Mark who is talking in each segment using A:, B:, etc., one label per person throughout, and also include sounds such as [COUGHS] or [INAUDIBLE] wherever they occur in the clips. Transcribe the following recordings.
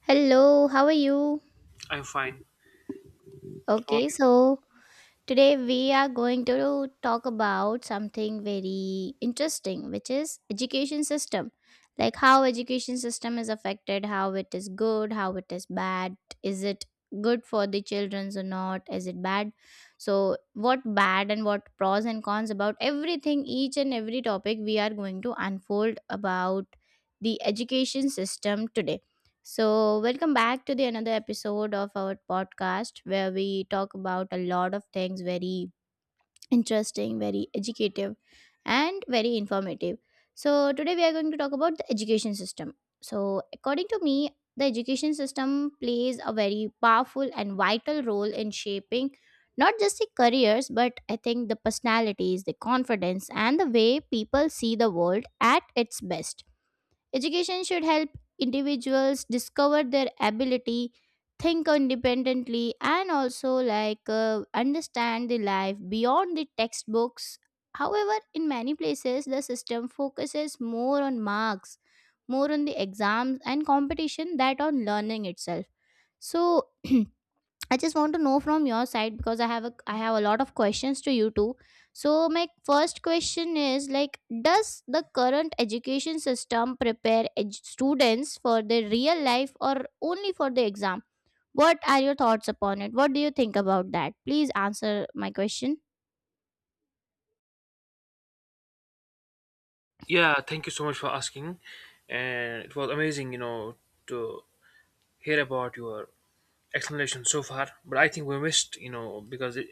A: Hello, how are you?
B: I'm fine. How are
A: Okay,
B: you?
A: so today we are going to talk about something very interesting, which is education system. Like how education system is affected, how it is good, how it is bad. Is it good for the children or not? Is it bad? So what bad and what pros and cons about everything, each and every topic we are going to unfold about the education system today. So, welcome back to the another episode of our podcast where we talk about a lot of things very interesting, very educative, and very informative. So, today we are going to talk about the education system. So, according to me, the education system plays a very powerful and vital role in shaping not just the careers but I think the personalities, the confidence, and the way people see the world at its best. Education should help individuals discover their ability, think independently, and also understand the life beyond the textbooks. However, in many places, the system focuses more on marks, more on the exams and competition that on learning itself. So, [CLEARS THROAT] I just want to know from your side because I have a lot of questions to you too. So my first question is like, does the current education system prepare students for the real life or only for the exam? What are your thoughts upon it? What do you think about that? Please answer my question.
B: Yeah, thank you so much for asking. And it was amazing, to hear about your explanation so far. But I think we missed, because it,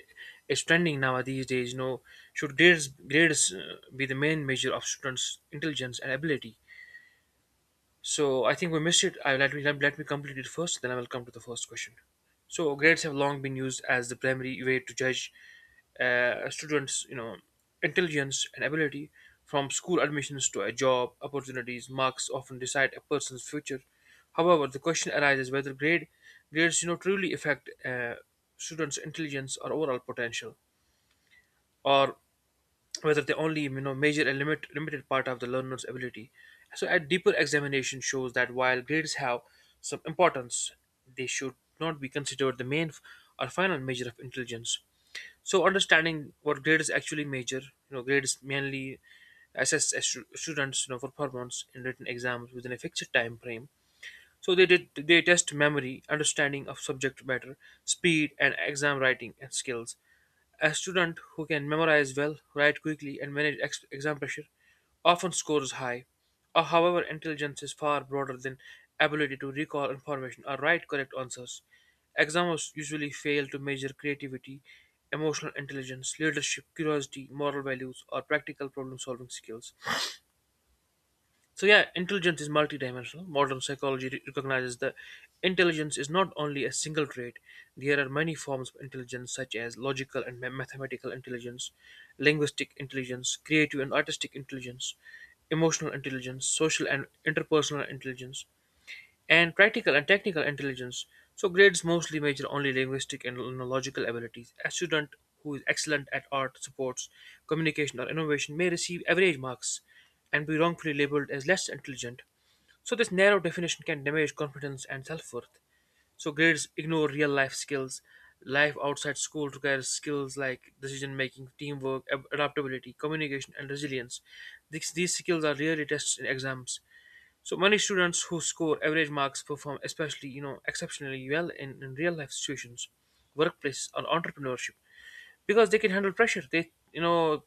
B: it's trending now these days. Should grades be the main measure of students' intelligence and ability? So I think we missed it. I Let me complete it first, then I will come to the first question. So grades have long been used as the primary way to judge students, intelligence and ability from school admissions to a job, opportunities, marks often decide a person's future. However, the question arises whether grades, truly affect students' intelligence or overall potential, or whether they only, measure a limited part of the learner's ability. So, a deeper examination shows that while grades have some importance, they should not be considered the main or final measure of intelligence. So understanding what grades actually measure, grades mainly assess students, for performance in written exams within a fixed time frame. So they test memory, understanding of subject matter, speed and exam writing and skills. A student who can memorize well, write quickly, and manage exam pressure often scores high. However, intelligence is far broader than ability to recall information or write correct answers. Examiners usually fail to measure creativity, emotional intelligence, leadership, curiosity, moral values, or practical problem solving skills. So yeah, intelligence is multidimensional. Modern psychology recognizes that intelligence is not only a single trait. There are many forms of intelligence, such as logical and mathematical intelligence, linguistic intelligence, creative and artistic intelligence, emotional intelligence, social and interpersonal intelligence, and practical and technical intelligence. So grades mostly measure only linguistic and logical abilities. A student who is excellent at art, sports, communication, or innovation may receive average marks and be wrongfully labeled as less intelligent. So this narrow definition can damage confidence and self worth. So grades ignore real life skills. Life outside school requires skills like decision making, teamwork, adaptability, communication, and resilience. These skills are rarely tested in exams. So many students who score average marks perform especially, exceptionally well in real life situations, workplaces, or entrepreneurship because they can handle pressure. They,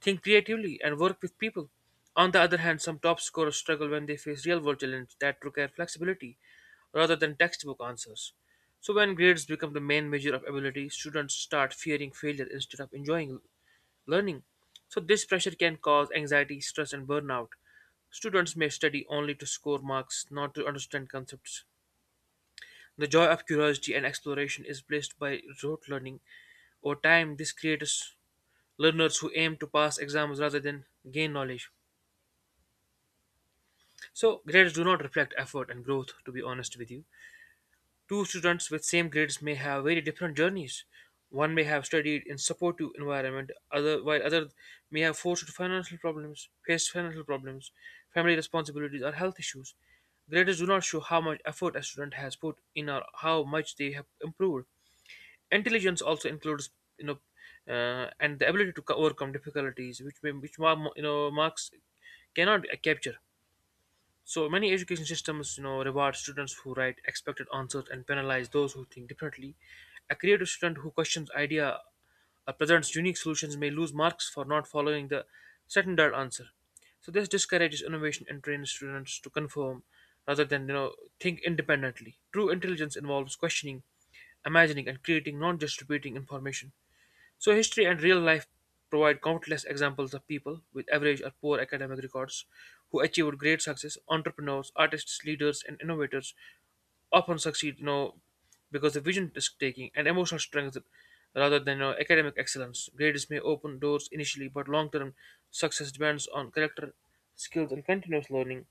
B: think creatively and work with people. On the other hand, some top scorers struggle when they face real world challenges that require flexibility rather than textbook answers. So when grades become the main measure of ability, students start fearing failure instead of enjoying learning. So this pressure can cause anxiety, stress, and burnout. Students may study only to score marks, not to understand concepts. The joy of curiosity and exploration is placed by rote learning. Over time, this creates learners who aim to pass exams rather than gain knowledge. So grades do not reflect effort and growth, to be honest with you. Two students with same grades may have very different journeys. One may have studied in supportive environment, other may have forced financial problems, faced financial problems, family responsibilities or health issues. Graders do not show how much effort a student has put in or how much they have improved. Intelligence also includes, you know and the ability to overcome difficulties, which marks cannot capture. So many education systems, reward students who write expected answers and penalize those who think differently. A creative student who questions idea a president's unique solutions may lose marks for not following the standard answer. So this discourages innovation and trains students to conform rather than, think independently. True intelligence involves questioning, imagining, and creating, not just repeating information. So history and real life provide countless examples of people with average or poor academic records who achieved great success. Entrepreneurs, artists, leaders, and innovators often succeed, because the vision risk taking and emotional strength rather than, academic excellence. Grades may open doors initially, but long term success depends on character, skills, and continuous learning.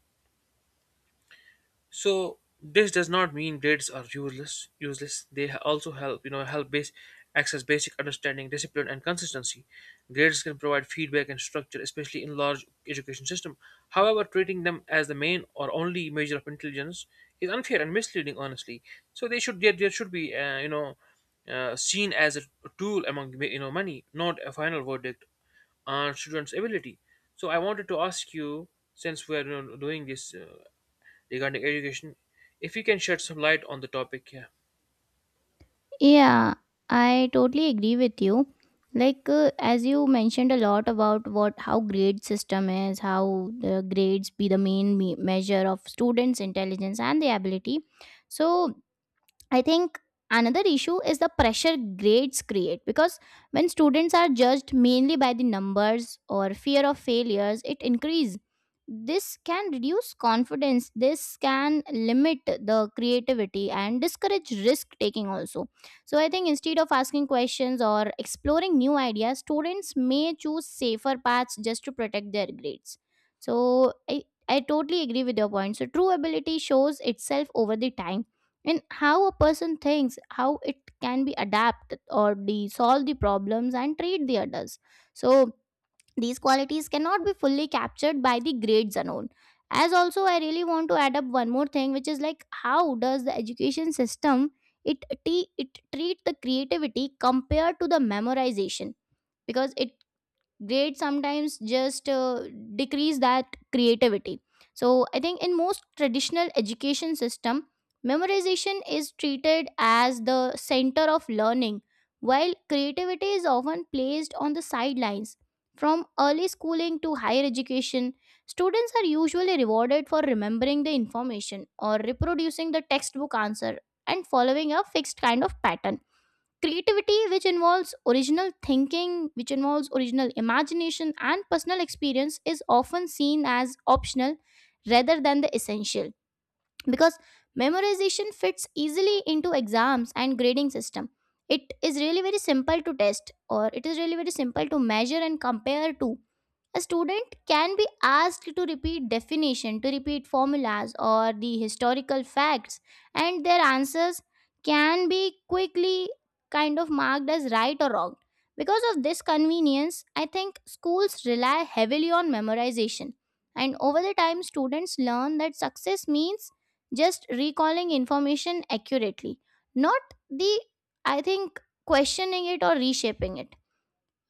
B: So this does not mean grades are useless. Useless. Also help, help base access basic understanding, discipline, and consistency. Grades can provide feedback and structure, especially in large education system. However, treating them as the main or only measure of intelligence is unfair and misleading. Honestly, so they should get there should be seen as a tool among, many, not a final verdict on students' ability. So I wanted to ask you, since we are, doing this regarding education. If you can shed some light on the topic, yeah.
A: Yeah, I totally agree with you. As you mentioned a lot about what how grade system is, how the grades be the main measure of students' intelligence and the ability. So I think another issue is the pressure grades create because when students are judged mainly by the numbers or fear of failures, it increase. This can reduce confidence, this can limit the creativity and discourage risk taking also. So I think instead of asking questions or exploring new ideas, students may choose safer paths just to protect their grades. So I, I totally agree with your point. So true ability shows itself over the time, and how a person thinks, how it can be adapted or solve the problems and treat the others. So these qualities cannot be fully captured by the grades alone. As also I really want to add up one more thing, which is like how does the education system it treat the creativity compared to the memorization, because it grades sometimes just decrease that creativity. So I think in most traditional education system, memorization is treated as the center of learning, while creativity is often placed on the sidelines. From early schooling to higher education, students are usually rewarded for remembering the information or reproducing the textbook answer and following a fixed kind of pattern. Creativity, which involves original thinking, which involves original imagination and personal experience, is often seen as optional rather than the essential, because memorization fits easily into exams and grading system. It is really very simple to test, or it is really very simple to measure and compare to. A student can be asked to repeat definition, to repeat formulas or the historical facts, and their answers can be quickly kind of marked as right or wrong. Because of this convenience, I think schools rely heavily on memorization, and over the time students learn that success means just recalling information accurately, not the I think questioning it or reshaping it.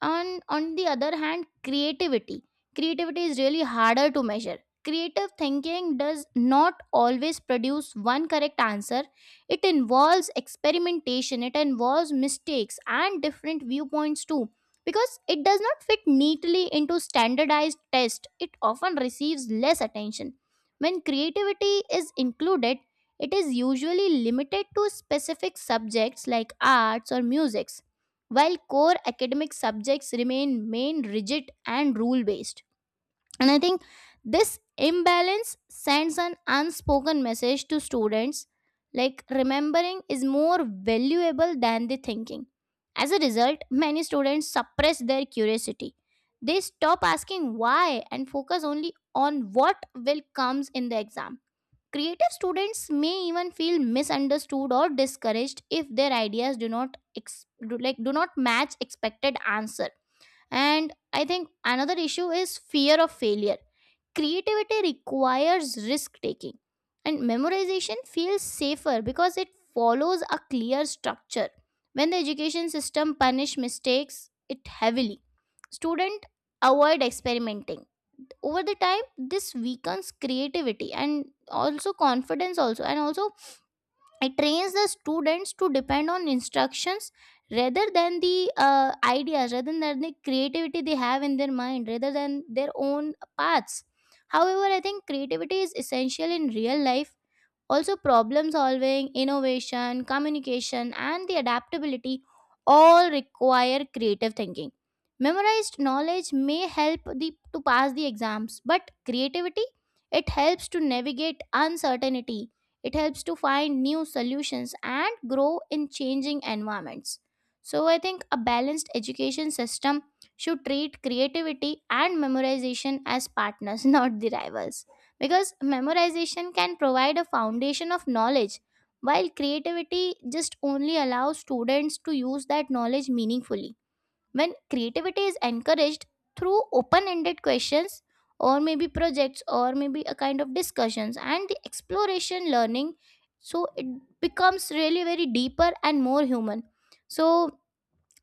A: And on the other hand, creativity is really harder to measure. Creative thinking does not always produce one correct answer. It involves experimentation, it involves mistakes and different viewpoints too. Because it does not fit neatly into standardized tests, it often receives less attention. When creativity is included, it is usually limited to specific subjects like arts or musics, while core academic subjects remain main rigid and rule based. And I think this imbalance sends an unspoken message to students, like remembering is more valuable than the thinking. As a result, many students suppress their curiosity. They stop asking why and focus only on what will comes in the exam. Creative students may even feel misunderstood or discouraged if their ideas do not ex- do, like do not match expected answer. And I think another issue is fear of failure. Creativity requires risk taking, and memorization feels safer because it follows a clear structure. When the education system punish mistakes, it heavily. Students avoid experimenting. Over the time, this weakens creativity and also confidence also, and also it trains the students to depend on instructions rather than the ideas, rather than the creativity they have in their mind, rather than their own paths. However, I think creativity is essential in real life also. Problem solving, innovation, communication, and the adaptability all require creative thinking. Memorized knowledge may help the, to pass the exams, but creativity, it helps to navigate uncertainty. It helps to find new solutions and grow in changing environments. So, I think a balanced education system should treat creativity and memorization as partners, [LAUGHS] not the rivals, because memorization can provide a foundation of knowledge, while creativity just only allows students to use that knowledge meaningfully. When creativity is encouraged through open-ended questions, or maybe projects, or maybe a kind of discussions and the exploration learning, so it becomes really very deeper and more human. So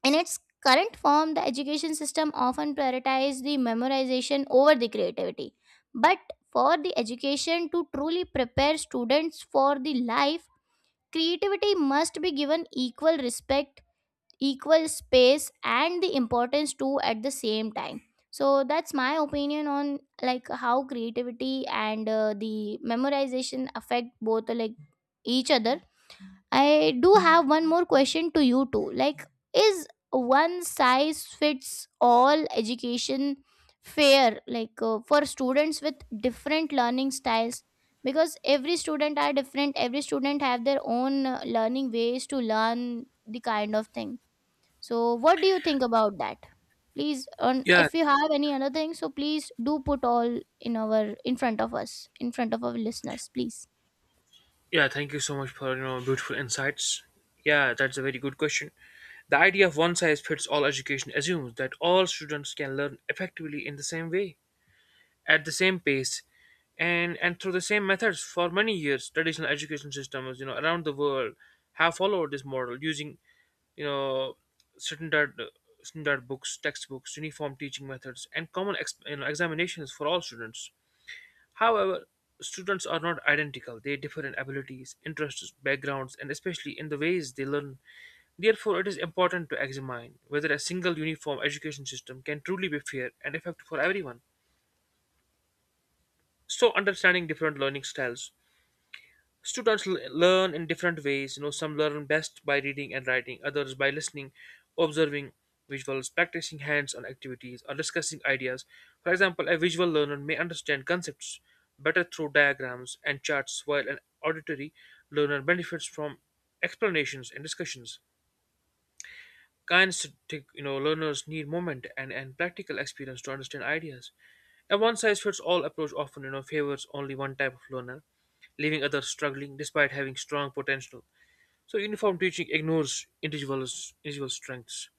A: in its current form, the education system often prioritizes the memorization over the creativity. But for the education to truly prepare students for the life, creativity must be given equal respect, equal space, and the importance too at the same time. So that's my opinion on like how creativity and the memorization affect both like each other. I do have one more question to you too. Like, is one size fits all education fair, for students with different learning styles? Because every student are different, every student have their own learning ways to learn the kind of thing. So, what do you think about that? Please, on
B: Yeah,
A: if you have any other thing, so please do put all in our in front of us, in front of our listeners, please.
B: yeah. Thank you so much for, beautiful insights. Yeah, that's a very good question. The idea of one size fits all education assumes that all students can learn effectively in the same way, at the same pace, and through the same methods. For many years, traditional education systems, around the world, have followed this model using, you know standard standard books, textbooks, uniform teaching methods, and common examinations for all students. However, students are not identical. They differ in abilities, interests, backgrounds, and especially in the ways they learn. Therefore, it is important to examine whether a single uniform education system can truly be fair and effective for everyone. So understanding different learning styles. Students learn in different ways. Some learn best by reading and writing, others by listening, observing visuals, practicing hands-on activities, or discussing ideas. For example, a visual learner may understand concepts better through diagrams and charts, while an auditory learner benefits from explanations and discussions. Kinesthetic, learners need movement and practical experience to understand ideas. A one size fits all approach often, favors only one type of learner, leaving others struggling despite having strong potential. So uniform teaching ignores individual strengths.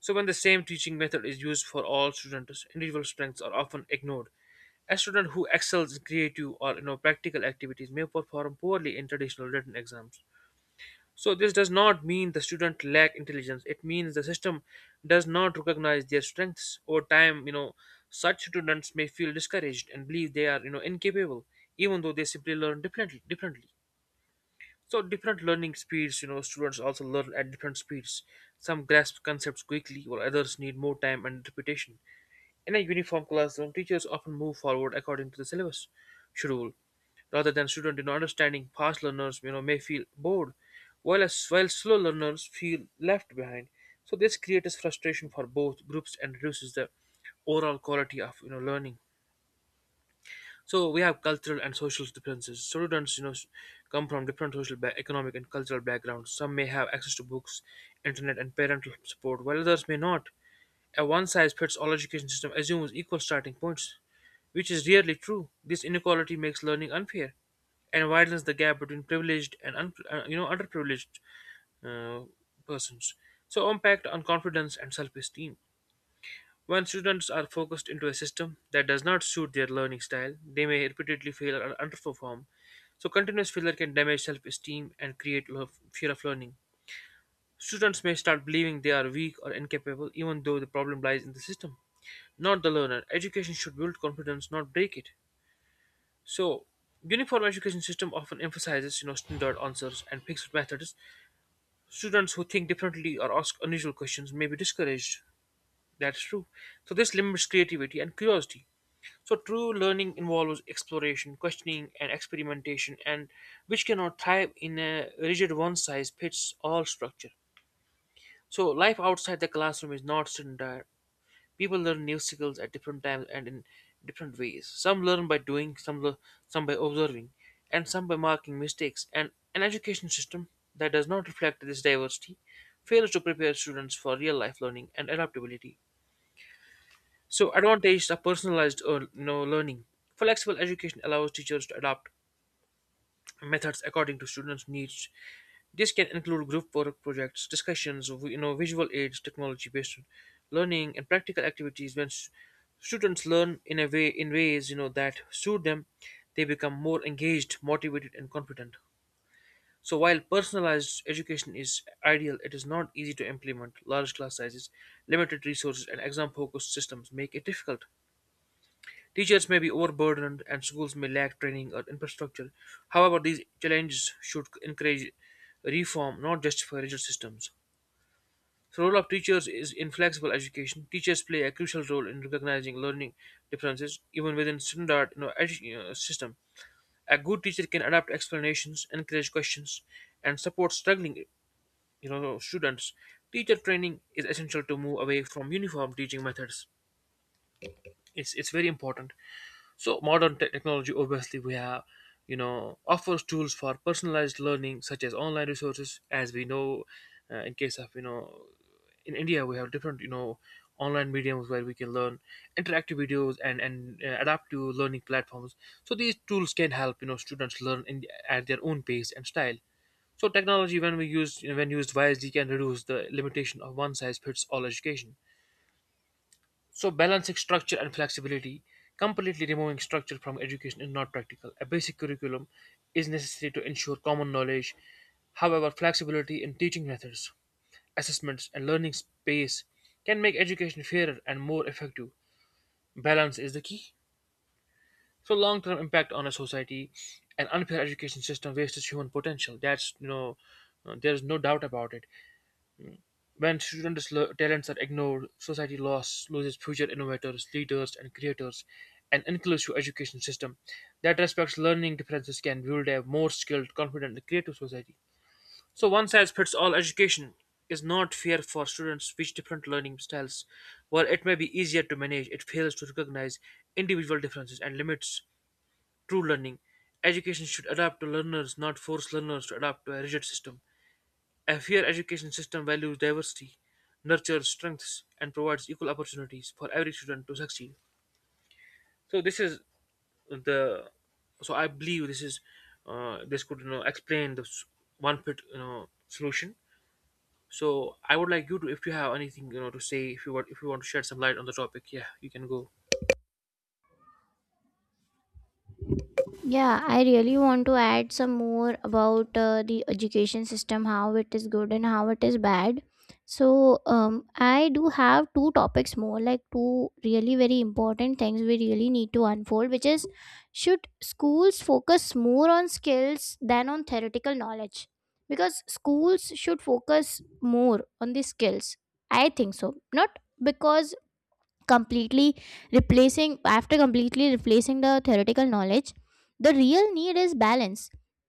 B: So when the same teaching method is used for all students, individual strengths are often ignored. A student who excels in creative or, practical activities may perform poorly in traditional written exams. So this does not mean the student lack intelligence. It means the system does not recognize their strengths. Over time, such students may feel discouraged and believe they are, incapable, even though they simply learn differently. So different learning speeds, students also learn at different speeds. Some grasp concepts quickly, while others need more time and repetition. In a uniform classroom, teachers often move forward according to the syllabus schedule, rather than student, understanding. Fast learners, may feel bored, while slow learners feel left behind. So this creates frustration for both groups and reduces the overall quality of, learning. So we have cultural and social differences. Students, come from different social, economic, and cultural backgrounds. Some may have access to books, internet, and parental support, while others may not. A one-size-fits-all education system assumes equal starting points, which is rarely true. This inequality makes learning unfair and widens the gap between privileged and underprivileged uh, persons. So impact on confidence and self-esteem. When students are focused into a system that does not suit their learning style, they may repeatedly fail or underperform. So continuous failure can damage self esteem and create fear of learning. Students may start believing they are weak or incapable, even though the problem lies in the system, not the learner. Education should build confidence, not break it. So uniform education system often emphasizes, standard answers and fixed methods. Students who think differently or ask unusual questions may be discouraged. That's true. So this limits creativity and curiosity. So true learning involves exploration, questioning, and experimentation, and which cannot thrive in a rigid one-size-fits-all structure. So life outside the classroom is not standard. People learn new skills at different times and in different ways. Some learn by doing, some by observing, and some by marking mistakes. And an education system that does not reflect this diversity fails to prepare students for real-life learning and adaptability. So advantage are personalized or, learning. Flexible education allows teachers to adapt methods according to students' needs. This can include group work projects, discussions, visual aids, technology-based learning, and practical activities. When students learn in ways, that suit them, they become more engaged, motivated, and confident. So while personalized education is ideal, it is not easy to implement. Large class sizes, limited resources, and exam-focused systems make it difficult. Teachers may be overburdened and schools may lack training or infrastructure. However, these challenges should encourage reform, not justify rigid systems. The role of teachers is in flexible education. Teachers play a crucial role in recognizing learning differences, even within standard system. A good teacher can adapt explanations, encourage questions, and support struggling students. Teacher training is essential to move away from uniform teaching methods. It's very important. So modern technology, obviously, we have offers tools for personalized learning, such as online resources. As we know, uh, in case of you know, in India, we have different online mediums where we can learn interactive videos and adaptive learning platforms. So these tools can help students learn at their own pace and style. So technology, when used wisely, can reduce the limitation of one size fits all education. So balancing structure and flexibility, completely removing structure from education is not practical. A basic curriculum is necessary to ensure common knowledge. However, flexibility in teaching methods, assessments, and learning space can make education fairer and more effective. Balance is the key. So long-term impact on a society, an unfair education system wastes human potential. There is no doubt about it. When talents are ignored, loses future innovators, leaders, and creators. An inclusive education system that respects learning differences can build a more skilled, confident, and creative society. So one size fits all education is not fair for students with different learning styles. While it may be easier to manage, it fails to recognize individual differences and limits true learning. Education should adapt to learners, not force learners to adapt to a rigid system. A fair education system values diversity, nurtures strengths, and provides equal opportunities for every student to succeed. So this is the so I believe this is this could explain the one fit solution. So I would like you to, if you have anything to say, if you want to shed some light on the topic, yeah, you can go.
A: Yeah, I really want to add some more about the education system, how it is good and how it is bad. So, I do have two topics more, like two really very important things we really need to unfold, which is should schools focus more on skills than on theoretical knowledge? Because schools should focus more on the skills. I think so. Not because completely completely replacing the theoretical knowledge, the real need is balance.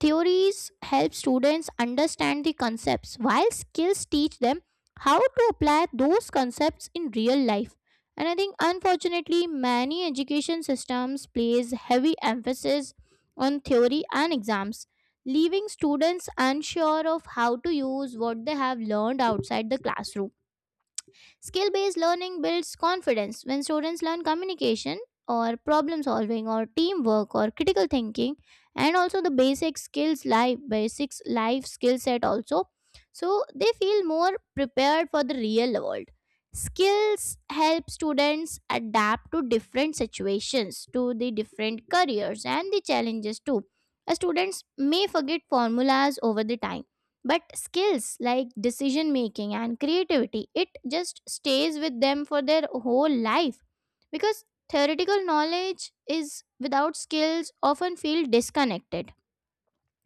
A: Theories help students understand the concepts, while skills teach them how to apply those concepts in real life. And I think unfortunately many education systems place heavy emphasis on theory and exams, leaving students unsure of how to use what they have learned outside the classroom. Skill based learning builds confidence. When students learn communication or problem solving or teamwork or critical thinking, and also the basic skills life basics life skill set also, so they feel more prepared for the real world. Skills help students adapt to different situations, to the different careers and the challenges too. As students may forget formulas over the time, but skills like decision making and creativity, it just stays with them for their whole life. Because theoretical knowledge is without skills often feel disconnected.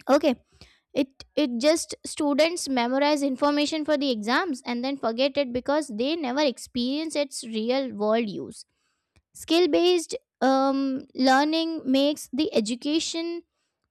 A: Okay, it just students memorize information for the exams and then forget it because they never experience its real world use. Skill based learning makes the education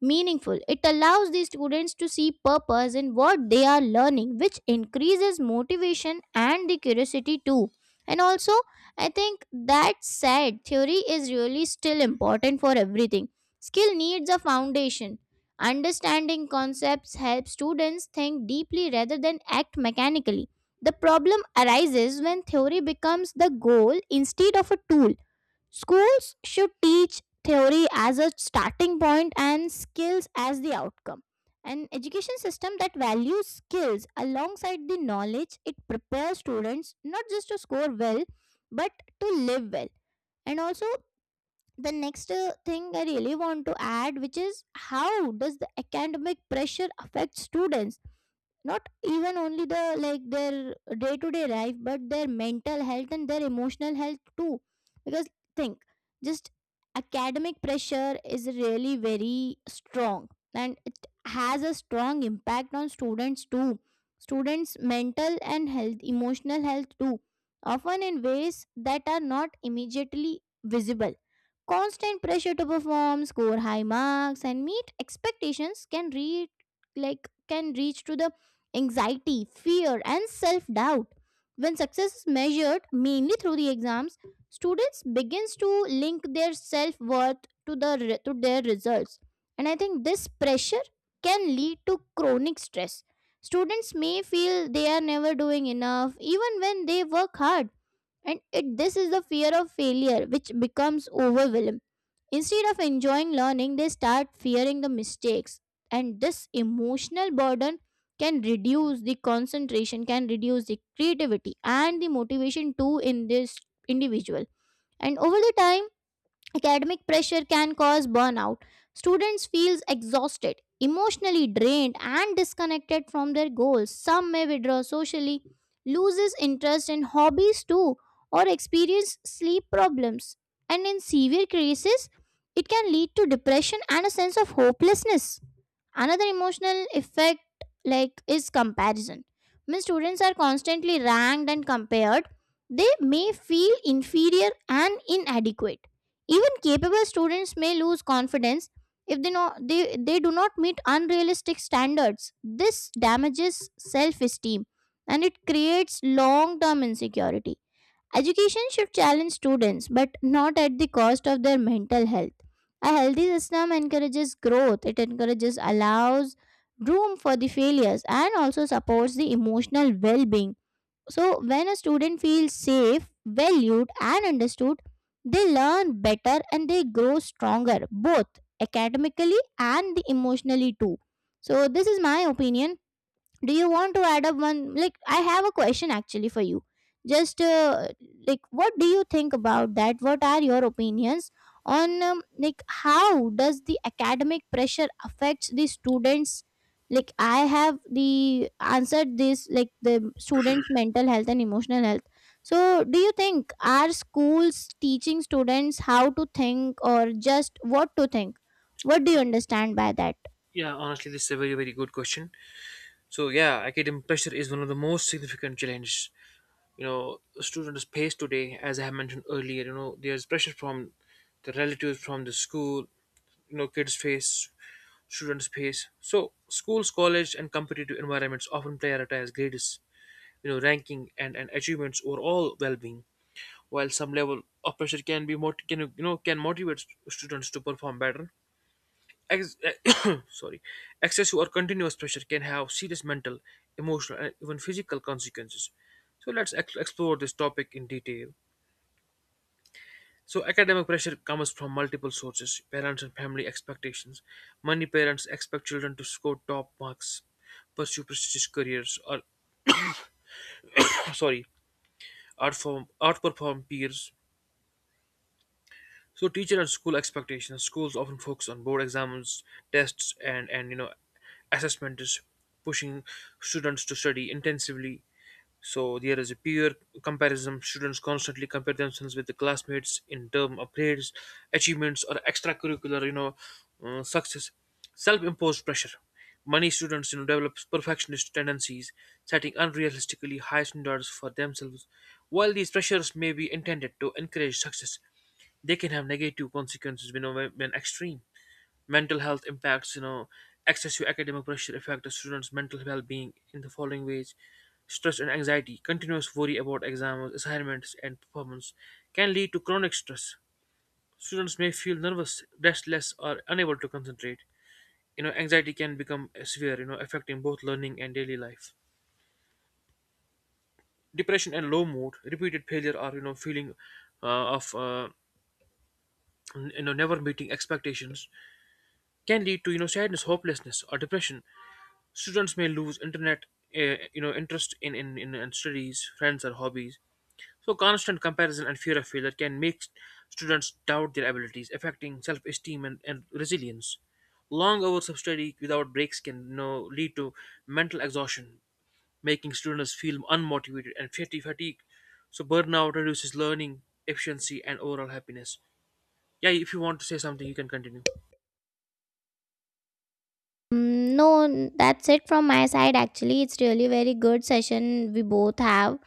A: meaningful. It allows the students to see purpose in what they are learning, which increases motivation and the curiosity too. And also, I think that said, theory is really still important for everything. Skill needs a foundation. Understanding concepts helps students think deeply rather than act mechanically. The problem arises when theory becomes the goal instead of a tool. Schools should teach theory as a starting point and skills as the outcome. An education system that values skills alongside the knowledge, it prepares students not just to score well, but to live well. And also, the next thing I really want to add, which is how does the academic pressure affect students? Not even only the like their day to day life, but their mental health and their emotional health too. Because think just academic pressure is really very strong, and it has a strong impact on students too. Students mental and health emotional health too, often in ways that are not immediately visible. Constant pressure to perform, score high marks, and meet expectations can read like can reach to the anxiety, fear, and self-doubt. When success is measured mainly through the exams, students begins to link their self-worth to their results. And I think this pressure can lead to chronic stress. Students may feel they are never doing enough even when they work hard, and it this is the fear of failure which becomes overwhelming. Instead of enjoying learning, they start fearing the mistakes. And this emotional burden can reduce the concentration, can reduce the creativity and the motivation too in this individual. And over the time, academic pressure can cause burnout. Students feel exhausted, emotionally drained, and disconnected from their goals. Some may withdraw socially, loses interest in hobbies too, or experience sleep problems. And in severe cases, it can lead to depression and a sense of hopelessness. Another emotional effect like is comparison. When students are constantly ranked and compared, they may feel inferior and inadequate. Even capable students may lose confidence if they know they do not meet unrealistic standards. This damages self-esteem, and it creates long-term insecurity. Education should challenge students, but not at the cost of their mental health. A healthy system encourages growth, it encourages, allows room for the failures, and also supports the emotional well being. So, when a student feels safe, valued, and understood, they learn better and they grow stronger, both academically and the emotionally too. So, this is my opinion. Do you want to add up one, like I have a question actually for you, just like what do you think about that? What are your opinions on like how does the academic pressure affects the students? Like I have the answered this, like the students mental health and emotional health. So do you think are schools teaching students how to think or just what to think? What do you understand by that?
B: Yeah, honestly, this is a very good question. So yeah, academic pressure is one of the most significant challenges you know students face today. As I have mentioned earlier, there's pressure from the relatives, from the school, kids face. So schools, college, and competitive environments often prioritize grades, ranking, and achievements over all well-being. While some level of pressure can be mot- can you know can motivate students to perform better, Ex- [COUGHS] sorry, excessive or continuous pressure can have serious mental, emotional, and even physical consequences. So let's explore this topic in detail. So academic pressure comes from multiple sources: parents and family expectations. Many parents expect children to score top marks, pursue prestigious careers, or [COUGHS] sorry, outperform peers. So teacher and school expectations. Schools often focus on board exams, tests, and assessments, pushing students to study intensively. So there is a peer comparison. Students constantly compare themselves with the classmates in term of grades, achievements, or extracurricular, success. Self-imposed pressure. Many students, develop perfectionist tendencies, setting unrealistically high standards for themselves. While these pressures may be intended to encourage success, they can have negative consequences when extreme mental health impacts. Excessive academic pressure affect a student's mental well-being in the following ways. Stress and anxiety, continuous worry about exams, assignments, and performance can lead to chronic stress. Students may feel nervous, restless, or unable to concentrate. Anxiety can become severe, affecting both learning and daily life. Depression and low mood, repeated failure or feeling of never meeting expectations can lead to sadness, hopelessness, or depression. Students may lose interest in studies, friends, or hobbies. So constant comparison and fear of failure can make students doubt their abilities, affecting self-esteem and resilience. Long hours of study without breaks can, lead to mental exhaustion, making students feel unmotivated and fatigued. So burnout reduces learning efficiency and overall happiness. Yeah, if you want to say something, you can continue.
A: No, that's it from my side. Actually, it's really very good session we both have,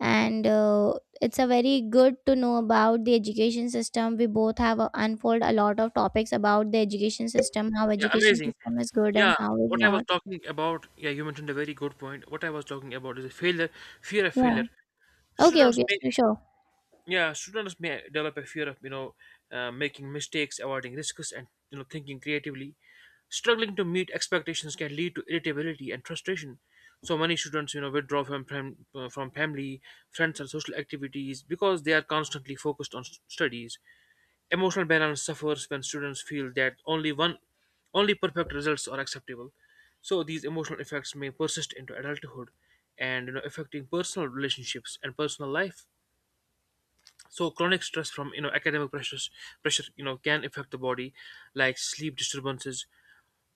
A: and it's a very good to know about the education system. We both have unfold a lot of topics about the education system, how
B: Yeah,
A: education
B: amazing.
A: system is good and
B: Yeah,
A: how is
B: what I was
A: not.
B: talking about, yeah, you mentioned a very good point. What I was talking about is a failure, fear of
A: Yeah.
B: failure.
A: Okay.
B: Students
A: Okay.
B: may,
A: So sure.
B: yeah, students may develop a fear of, making mistakes, avoiding risks, and, thinking creatively. Struggling to meet expectations can lead to irritability and frustration. So many students, withdraw from from family, friends, and social activities because they are constantly focused on studies. Emotional balance suffers when students feel that only perfect results are acceptable. So these emotional effects may persist into adulthood and affecting personal relationships and personal life. So chronic stress from academic pressure can affect the body, like sleep disturbances.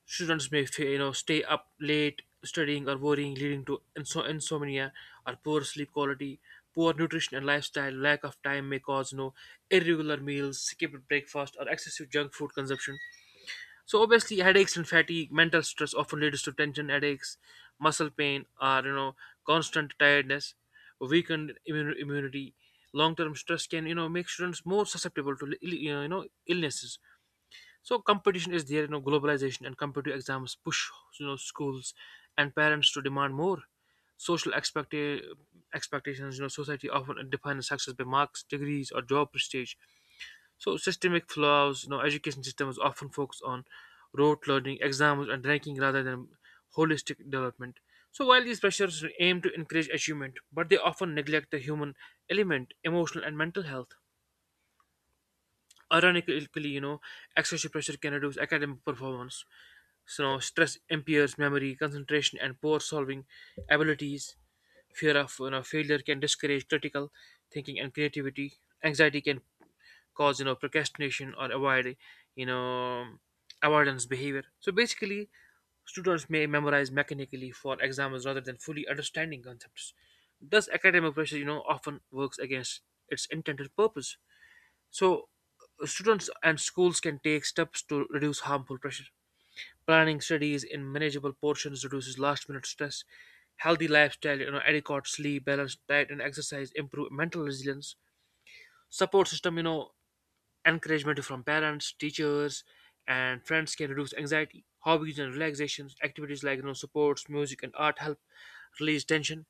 B: Students may stay up late studying or worrying, leading to insomnia or poor sleep quality. Poor nutrition and lifestyle, lack of time, may cause no irregular meals, skipped breakfast, or excessive junk food consumption. So obviously, headaches and fatigue, mental stress often leads to tension, headaches, muscle pain, or constant tiredness, weakened immunity. Long-term stress can, make students more susceptible to illnesses. So competition is there, globalization and competitive exams push, schools and parents to demand more. Social expectations, society often defines success by marks, degrees, or job prestige. So systemic flaws, education systems often focus on rote learning, exams, and ranking rather than holistic development. So while these pressures aim to encourage achievement, but they often neglect the human element, emotional and mental health. Ironically, excessive pressure can reduce academic performance. So stress impairs memory, concentration, and poor solving abilities. Fear of, failure can discourage critical thinking and creativity. Anxiety can cause, procrastination or you know avoidance behavior. So basically, students may memorize mechanically for exams rather than fully understanding concepts. Thus, academic pressure often works against its intended purpose. So students and schools can take steps to reduce harmful pressure. Planning studies in manageable portions reduces last minute stress. Healthy lifestyle, adequate sleep, balanced diet, and exercise improve mental resilience. Support system, encouragement from parents, teachers, and friends can reduce anxiety. Hobbies and relaxations, activities like, sports, music, and art help release tension.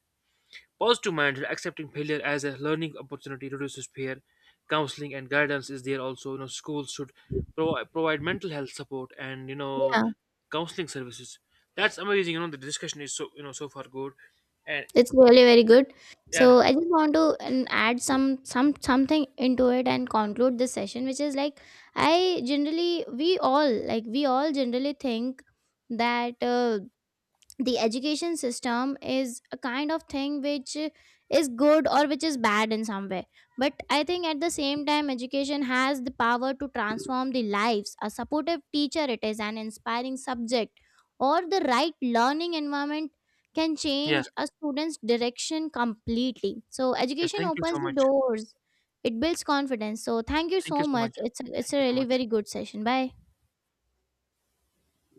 B: Positive mindset, accepting failure as a learning opportunity reduces fear. Counseling and guidance is there also. You know, schools should provide mental health support and,
A: Yeah.
B: counseling services. That's amazing. You know, the discussion is so, so far good, and
A: It's really very good.
B: yeah.
A: So I just want to and add some something into it and conclude this session, which is like I generally we all like we all generally think that the education system is a kind of thing which is good or which is bad in some way, but I think at the same time education has the power to transform the lives. A supportive teacher, it is an inspiring subject, or the right learning environment, can
B: yeah,
A: change a student's direction completely. So
B: yeah.
A: education
B: Thank you so
A: opens the
B: much.
A: doors, it builds confidence. So thank you
B: Thank you
A: so
B: so
A: much.
B: much.
A: It's
B: Thank
A: a
B: you so
A: really
B: much.
A: very good session. Bye.